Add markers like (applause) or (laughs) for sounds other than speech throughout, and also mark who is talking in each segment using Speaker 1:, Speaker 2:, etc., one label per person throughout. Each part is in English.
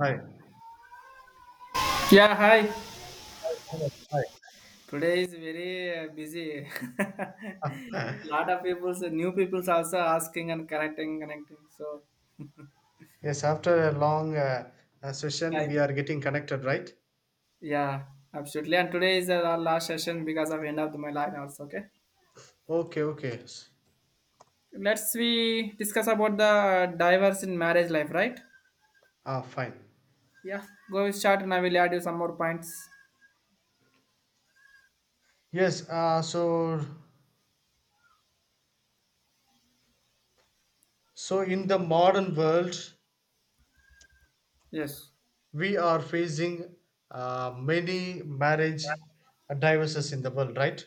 Speaker 1: Hi.
Speaker 2: Yeah, hi.
Speaker 1: Yes,
Speaker 2: Today is very busy. (laughs)
Speaker 1: hi.
Speaker 2: Lot of people, new people's also asking and connecting. So,
Speaker 1: (laughs) Yes, after a long session,
Speaker 2: yeah,
Speaker 1: we are getting connected, right?
Speaker 2: yeah, absolutely. And today is our last session because of end of my line also. Okay,
Speaker 1: Okay, okay.
Speaker 2: let's we discuss about the diverse in marriage life, right?
Speaker 1: Ah, fine.
Speaker 2: Yeah, go start and I will add you some more points.
Speaker 1: Yes, uh, so so in the modern world,
Speaker 2: Yes.
Speaker 1: we are facing many marriage divorces in the world, right?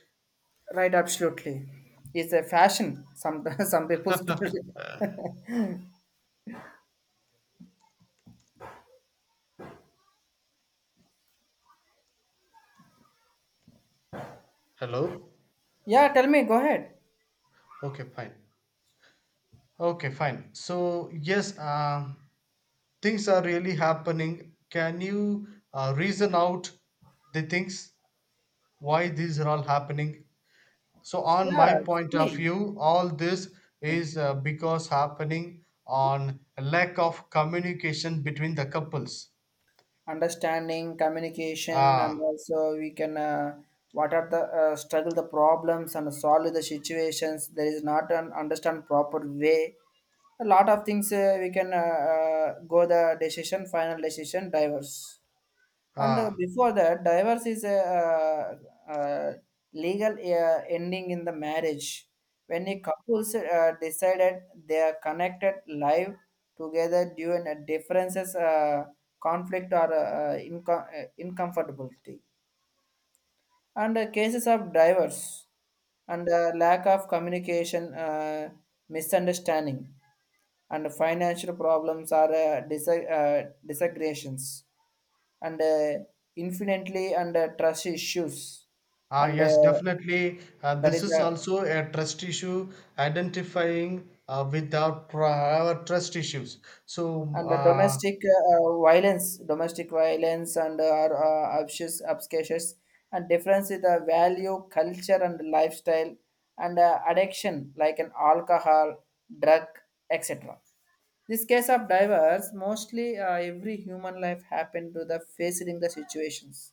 Speaker 2: Right, absolutely. It's a fashion. Some (laughs) some people.
Speaker 1: Hello?
Speaker 2: (laughs) Yeah, tell me. Go ahead.
Speaker 1: Okay, fine. Okay, fine. So, yes, um, Things are really happening. Can you reason out the things why these are all happening? So, on
Speaker 2: Yeah.
Speaker 1: my point of
Speaker 2: See.
Speaker 1: view, all this
Speaker 2: Okay.
Speaker 1: is because happening on a lack of communication between the couples.
Speaker 2: Understanding communication, and
Speaker 1: Ah,
Speaker 2: also we can what are the struggle the problems and solve the situations, there is not an understand proper way, a lot of things we can go the decision, final decision diverse. And
Speaker 1: ah,
Speaker 2: before that, divorce is a legal ending in the marriage. When a couples decided they are connected live together due to differences, conflict, or uncomfortability. And cases of divorce and lack of communication, misunderstanding, and financial problems are disagreements and infinitely, and trust issues, and
Speaker 1: yes, definitely.
Speaker 2: that
Speaker 1: This
Speaker 2: is
Speaker 1: is also a trust issue. Identifying with our trust issues. So,
Speaker 2: and the
Speaker 1: uh,
Speaker 2: domestic violence, domestic violence, and are obscures, and difference in the value, culture and lifestyle, and addiction like an alcohol, drug, etc. This case of divorce mostly every human life happened to the facing the situations,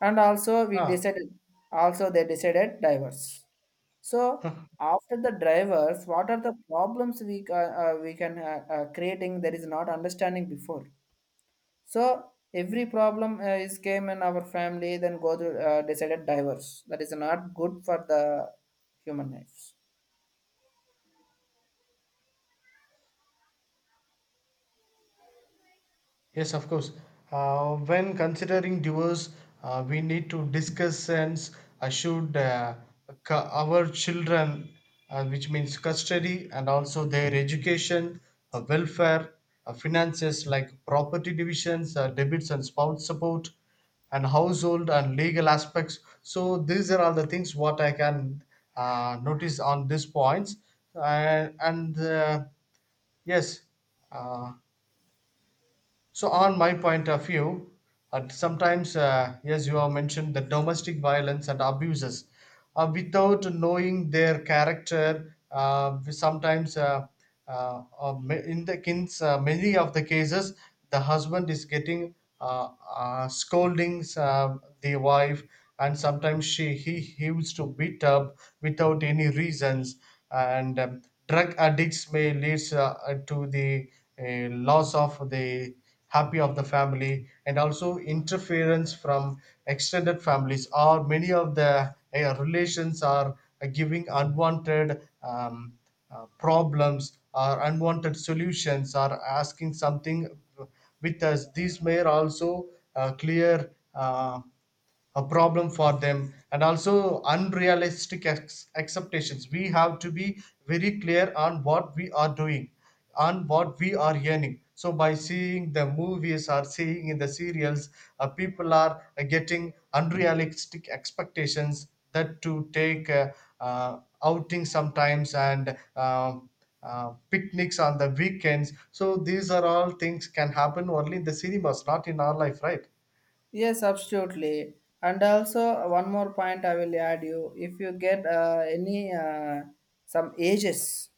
Speaker 2: and also we
Speaker 1: ah,
Speaker 2: decided, also they decided divorce. So after the drivers, what are the problems we we can creating that is not understanding before? So every problem is came in our family, then go to decided diverse. That is not good for the human lives.
Speaker 1: Yes, of course. When considering divorce, we need to discuss and uh, should uh, our children, which means custody and also their education, welfare, finances like property divisions, debits and spouse support, and household and legal aspects. So these are all the things what I can notice on these points. Uh, and uh, yes, uh, so, on my point of view, sometimes, yes, you have mentioned the domestic violence and abuses. Without knowing their character, we sometimes, in the in many of the cases, the husband is getting scoldings the wife, and sometimes he used to beat up without any reasons, and drug addicts may lead to the loss of the happy of the family, and also interference from extended families or many of the relations are giving unwanted problems or unwanted solutions or asking something with us. These may also clear a problem for them. And also unrealistic expectations, we have to be very clear on what we are doing, on what we are earning. So by seeing the movies or seeing in the serials, people are getting unrealistic expectations, that to take uh, outings sometimes and picnics on the weekends. So these are all things can happen only in the cinemas, not in our life, right?
Speaker 2: Yes, absolutely. And also one more point I will add you. If you get any some ages,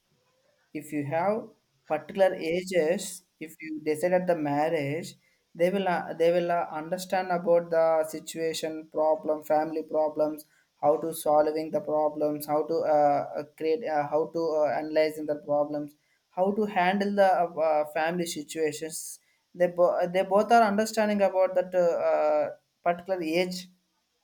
Speaker 2: if you have particular ages, if you decide at the marriage, they will understand about the situation problem, family problems, how to solving the problems, how to create how to analyzing the problems, how to handle the family situations. They, they both are understanding about that particular age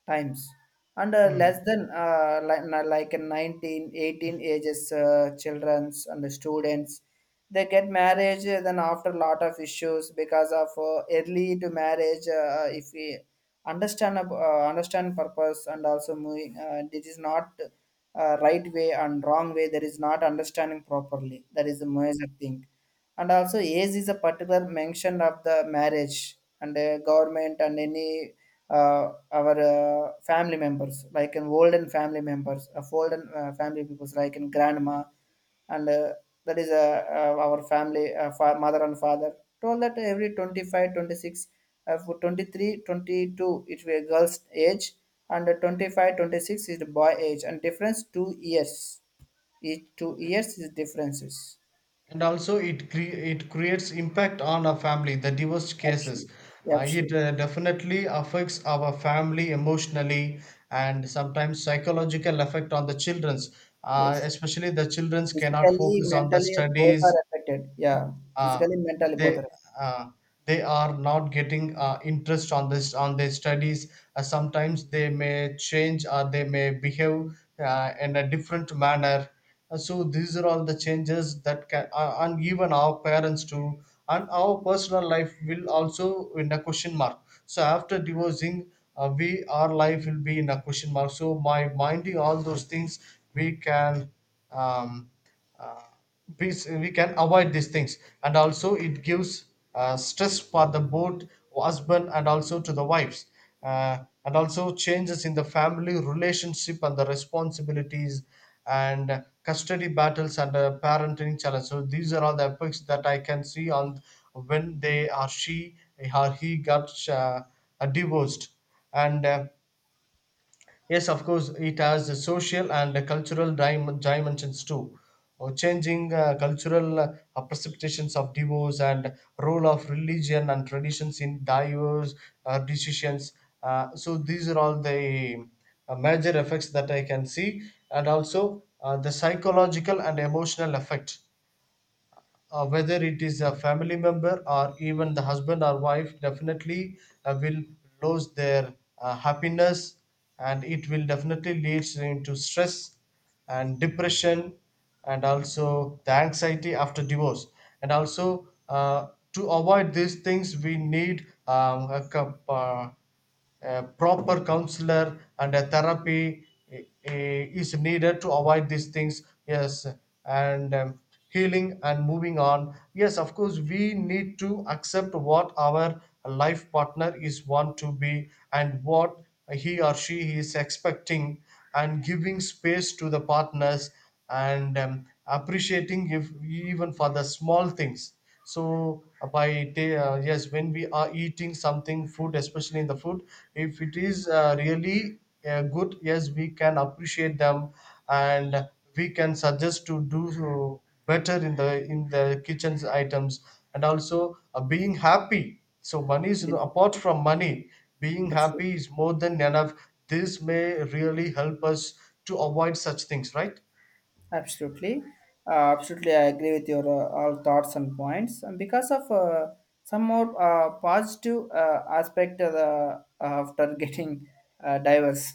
Speaker 2: times. And less
Speaker 1: Hmm.
Speaker 2: than like in 19 18 ages childrens and the students, they get marriage then after a lot of issues because of early to marriage. If we understand understand purpose and also moving this is not right way and wrong way, there is not understanding properly, that is the major thing. And also age is a particular mention of the marriage, and government and any our family members, like in olden family members, of olden family peoples, like in grandma and that is our family mother and father told that every 25, 26, 26 for 23, 22, it will be a girl's age. And 25 26 is the boy age, and difference 2 years, each 2 years is differences.
Speaker 1: And also it it creates impact on our family, the divorce
Speaker 2: Absolutely.
Speaker 1: cases.
Speaker 2: Yeah,
Speaker 1: It
Speaker 2: absolutely.
Speaker 1: definitely affects our family emotionally, and sometimes psychological effect on the children's,
Speaker 2: Yes.
Speaker 1: especially the children's cannot
Speaker 2: Physically,
Speaker 1: focus on the
Speaker 2: mentally, both are
Speaker 1: studies.
Speaker 2: affected. Yeah.
Speaker 1: uh,
Speaker 2: Physically, mentally, both are
Speaker 1: they
Speaker 2: affected.
Speaker 1: uh, they are not getting interest on this on their studies. Sometimes they may change or they may behave in a different manner. So these are all the changes that can and even our parents too, and our personal life will also in a question mark. So after divorcing, we, our life will be in a question mark. So by minding all those things, we can um, uh, peace, we can avoid these things. And also it gives stress for the both husband and also to the wives, uh, and also changes in the family relationship and the responsibilities and custody battles and parenting challenge. So these are all the aspects that I can see on when they or she or he got divorced. And Yes, of course, it has a social and a cultural dimensions too. Or changing cultural perceptions of divorce and role of religion and traditions in divorce decisions. So these are all the major effects that I can see, and also the psychological and emotional effect, whether it is a family member or even the husband or wife, definitely will lose their happiness, and it will definitely lead into stress and depression and also the anxiety after divorce. And also to avoid these things, we need a proper counselor and a therapy is needed to avoid these things, yes. And healing and moving on, yes, of course we need to accept what our life partner is want to be, and what he or she is expecting, and giving space to the partners, and appreciating if even for the small things. So by yes, when we are eating something food, especially in the food, if it is really good, yes, we can appreciate them, and we can suggest to do better in the kitchen's items. And also being happy, so money is
Speaker 2: Yes.
Speaker 1: apart from money, being happy
Speaker 2: Absolutely.
Speaker 1: is more than enough. This may really help us to avoid such things, right?
Speaker 2: Absolutely, absolutely, I agree with your all thoughts and points. And because of some more positive aspect of the, after (laughs) getting diverse,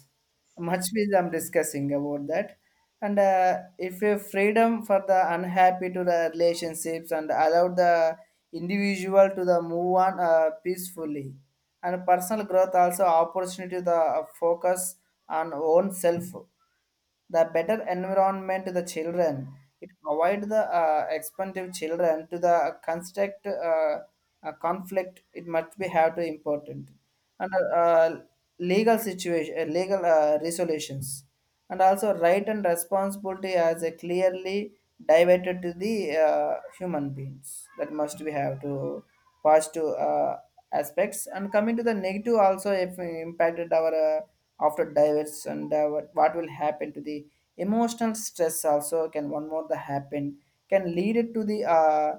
Speaker 2: much which I'm discussing about that. And if you freedom for the unhappy to the relationships, and allow the individual to the move on peacefully, and personal growth also, opportunity to the focus on own self, the better environment to the children. It avoid the expensive children to the construct a conflict. It must be have to important. And legal situation, legal resolutions, and also right and responsibility as a clearly divided to the human beings, that must be have to positive aspects. And coming to the negative also, if we impacted our after diverse. And what will happen to the emotional stress, also can one more the happen, can lead it to the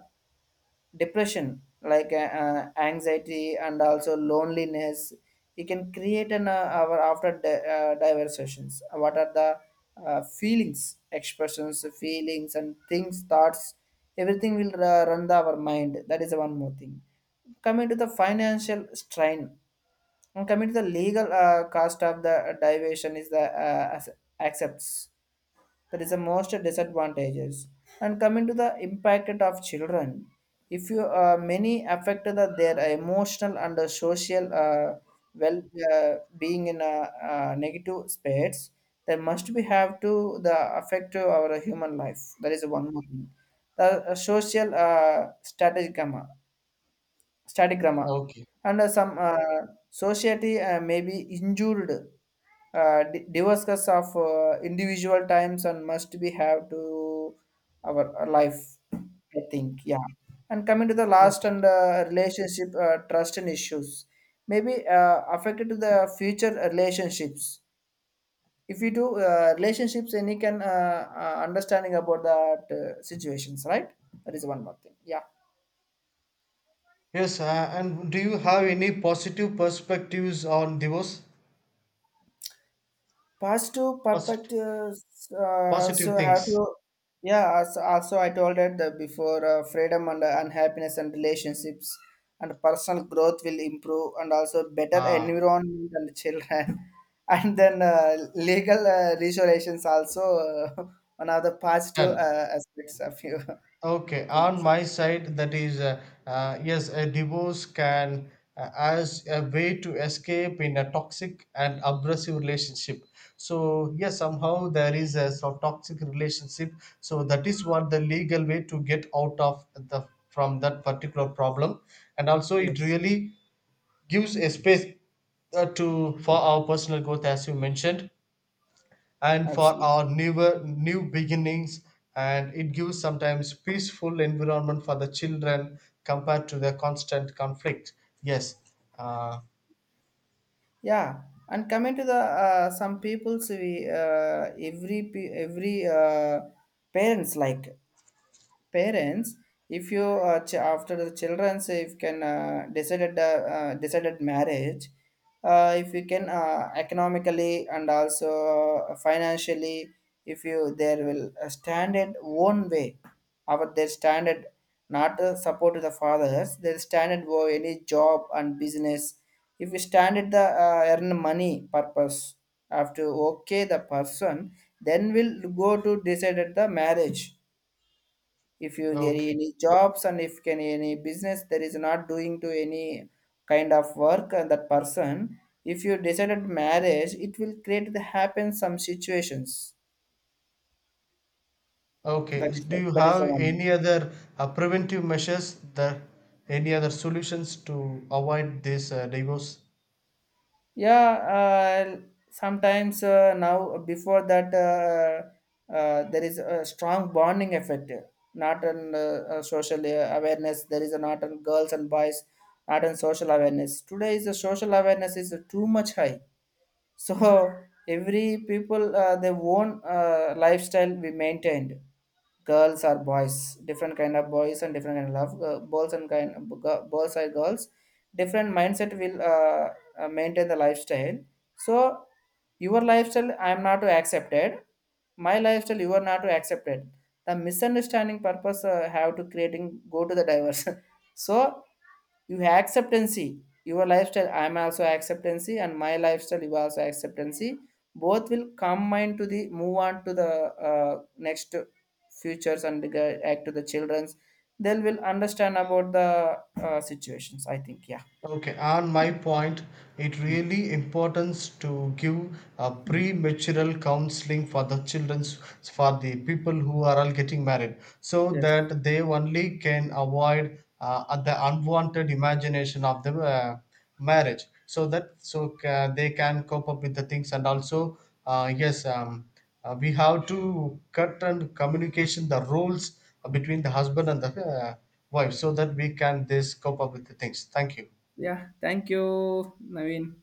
Speaker 2: depression, like anxiety and also loneliness. You can create an hour after diverse, what are the feelings, expressions, feelings and things thoughts, everything will run the, our mind, that is one more thing. Coming to the financial strain, and coming to the legal cost of the diversion is the accepts, that is the most disadvantages. And coming to the impact of children, if you many affect the, their emotional and the social well being in a, negative space, that must be have to the affect to our human life, that is one more thing. The social strategy comma, static grammar,
Speaker 1: Okay.
Speaker 2: and some society may be injured divorces of individual times, and must be have to our life, I think. Yeah. And coming to the last, and
Speaker 1: Okay.
Speaker 2: relationship trust and issues, maybe affected to the future relationships. If you do relationships, and you can understanding about that situations, right? That is one more thing. Yeah.
Speaker 1: Yes, and do you have any positive perspectives on divorce?
Speaker 2: Past two
Speaker 1: Posit-
Speaker 2: perspectives, so
Speaker 1: Positive
Speaker 2: have to.
Speaker 1: things.
Speaker 2: Yeah, also, I told it that before, freedom and happiness and relationships, and personal growth will improve, and also better
Speaker 1: Ah,
Speaker 2: environment and children. (laughs) And then legal resolutions also, (laughs) one of the positive
Speaker 1: done.
Speaker 2: aspects of your (laughs)
Speaker 1: Okay, on
Speaker 2: things.
Speaker 1: my side, that is, yes, a divorce can as a way to escape in a toxic and abrasive relationship. So yes, somehow there is a sort toxic relationship. So that is what the legal way to get out of the from that particular problem, and also it
Speaker 2: Yes.
Speaker 1: really gives a space to for our personal growth, as you mentioned, and for our
Speaker 2: Absolutely.
Speaker 1: new beginnings. And it gives sometimes peaceful environment for the children compared to the constant conflict. Yes. uh,
Speaker 2: Yeah. And coming to the some people's, we every parents like parents, if you after the children say, if can decided marriage, if you can economically and also financially, if you there will stand it one way, our their standard not support to the fathers, their standard for any job and business, if you stand at the earn money purpose, after okay the person, then will go to decide at the marriage. If you there
Speaker 1: okay.
Speaker 2: any jobs, and if can any business, there is not doing to any kind of work that person, if you decided marriage, it will create the happen some situations. That
Speaker 1: Okay.
Speaker 2: is
Speaker 1: Do you
Speaker 2: that is the
Speaker 1: have
Speaker 2: one.
Speaker 1: any other preventive measures, the any other solutions to avoid this divorce?
Speaker 2: Yeah. Uh, sometimes uh, now, before that, there is a strong bonding effect, not on social awareness, there is a not on girls and boys, not on social awareness. Today is the social awareness is too much high. So every people their own lifestyle we maintained. Girls are boys, different kind of boys and different kind of love. Boys and boys are girls. Different mindset will maintain the lifestyle. So your lifestyle I am not to accepted. My lifestyle you are not to accepted. The misunderstanding purpose have to creating go to the diverse. (laughs) So you acceptancy your lifestyle, I'm also acceptancy, and my lifestyle you also acceptancy, both will combine to the move on to the uh, next futures, and act to the children's, they will understand about the situations, I think. Yeah.
Speaker 1: Okay, on my point, it really importance to give a premarital counseling for the children's, for the people who are all getting married, so
Speaker 2: Yes.
Speaker 1: that they only can avoid the unwanted imagination of the marriage, so that they can cope up with the things. And also yes, we have to cut and communication the roles between the husband and the wife, so that we can this cope up with the things. Thank you.
Speaker 2: Yeah. Thank you, Naveen.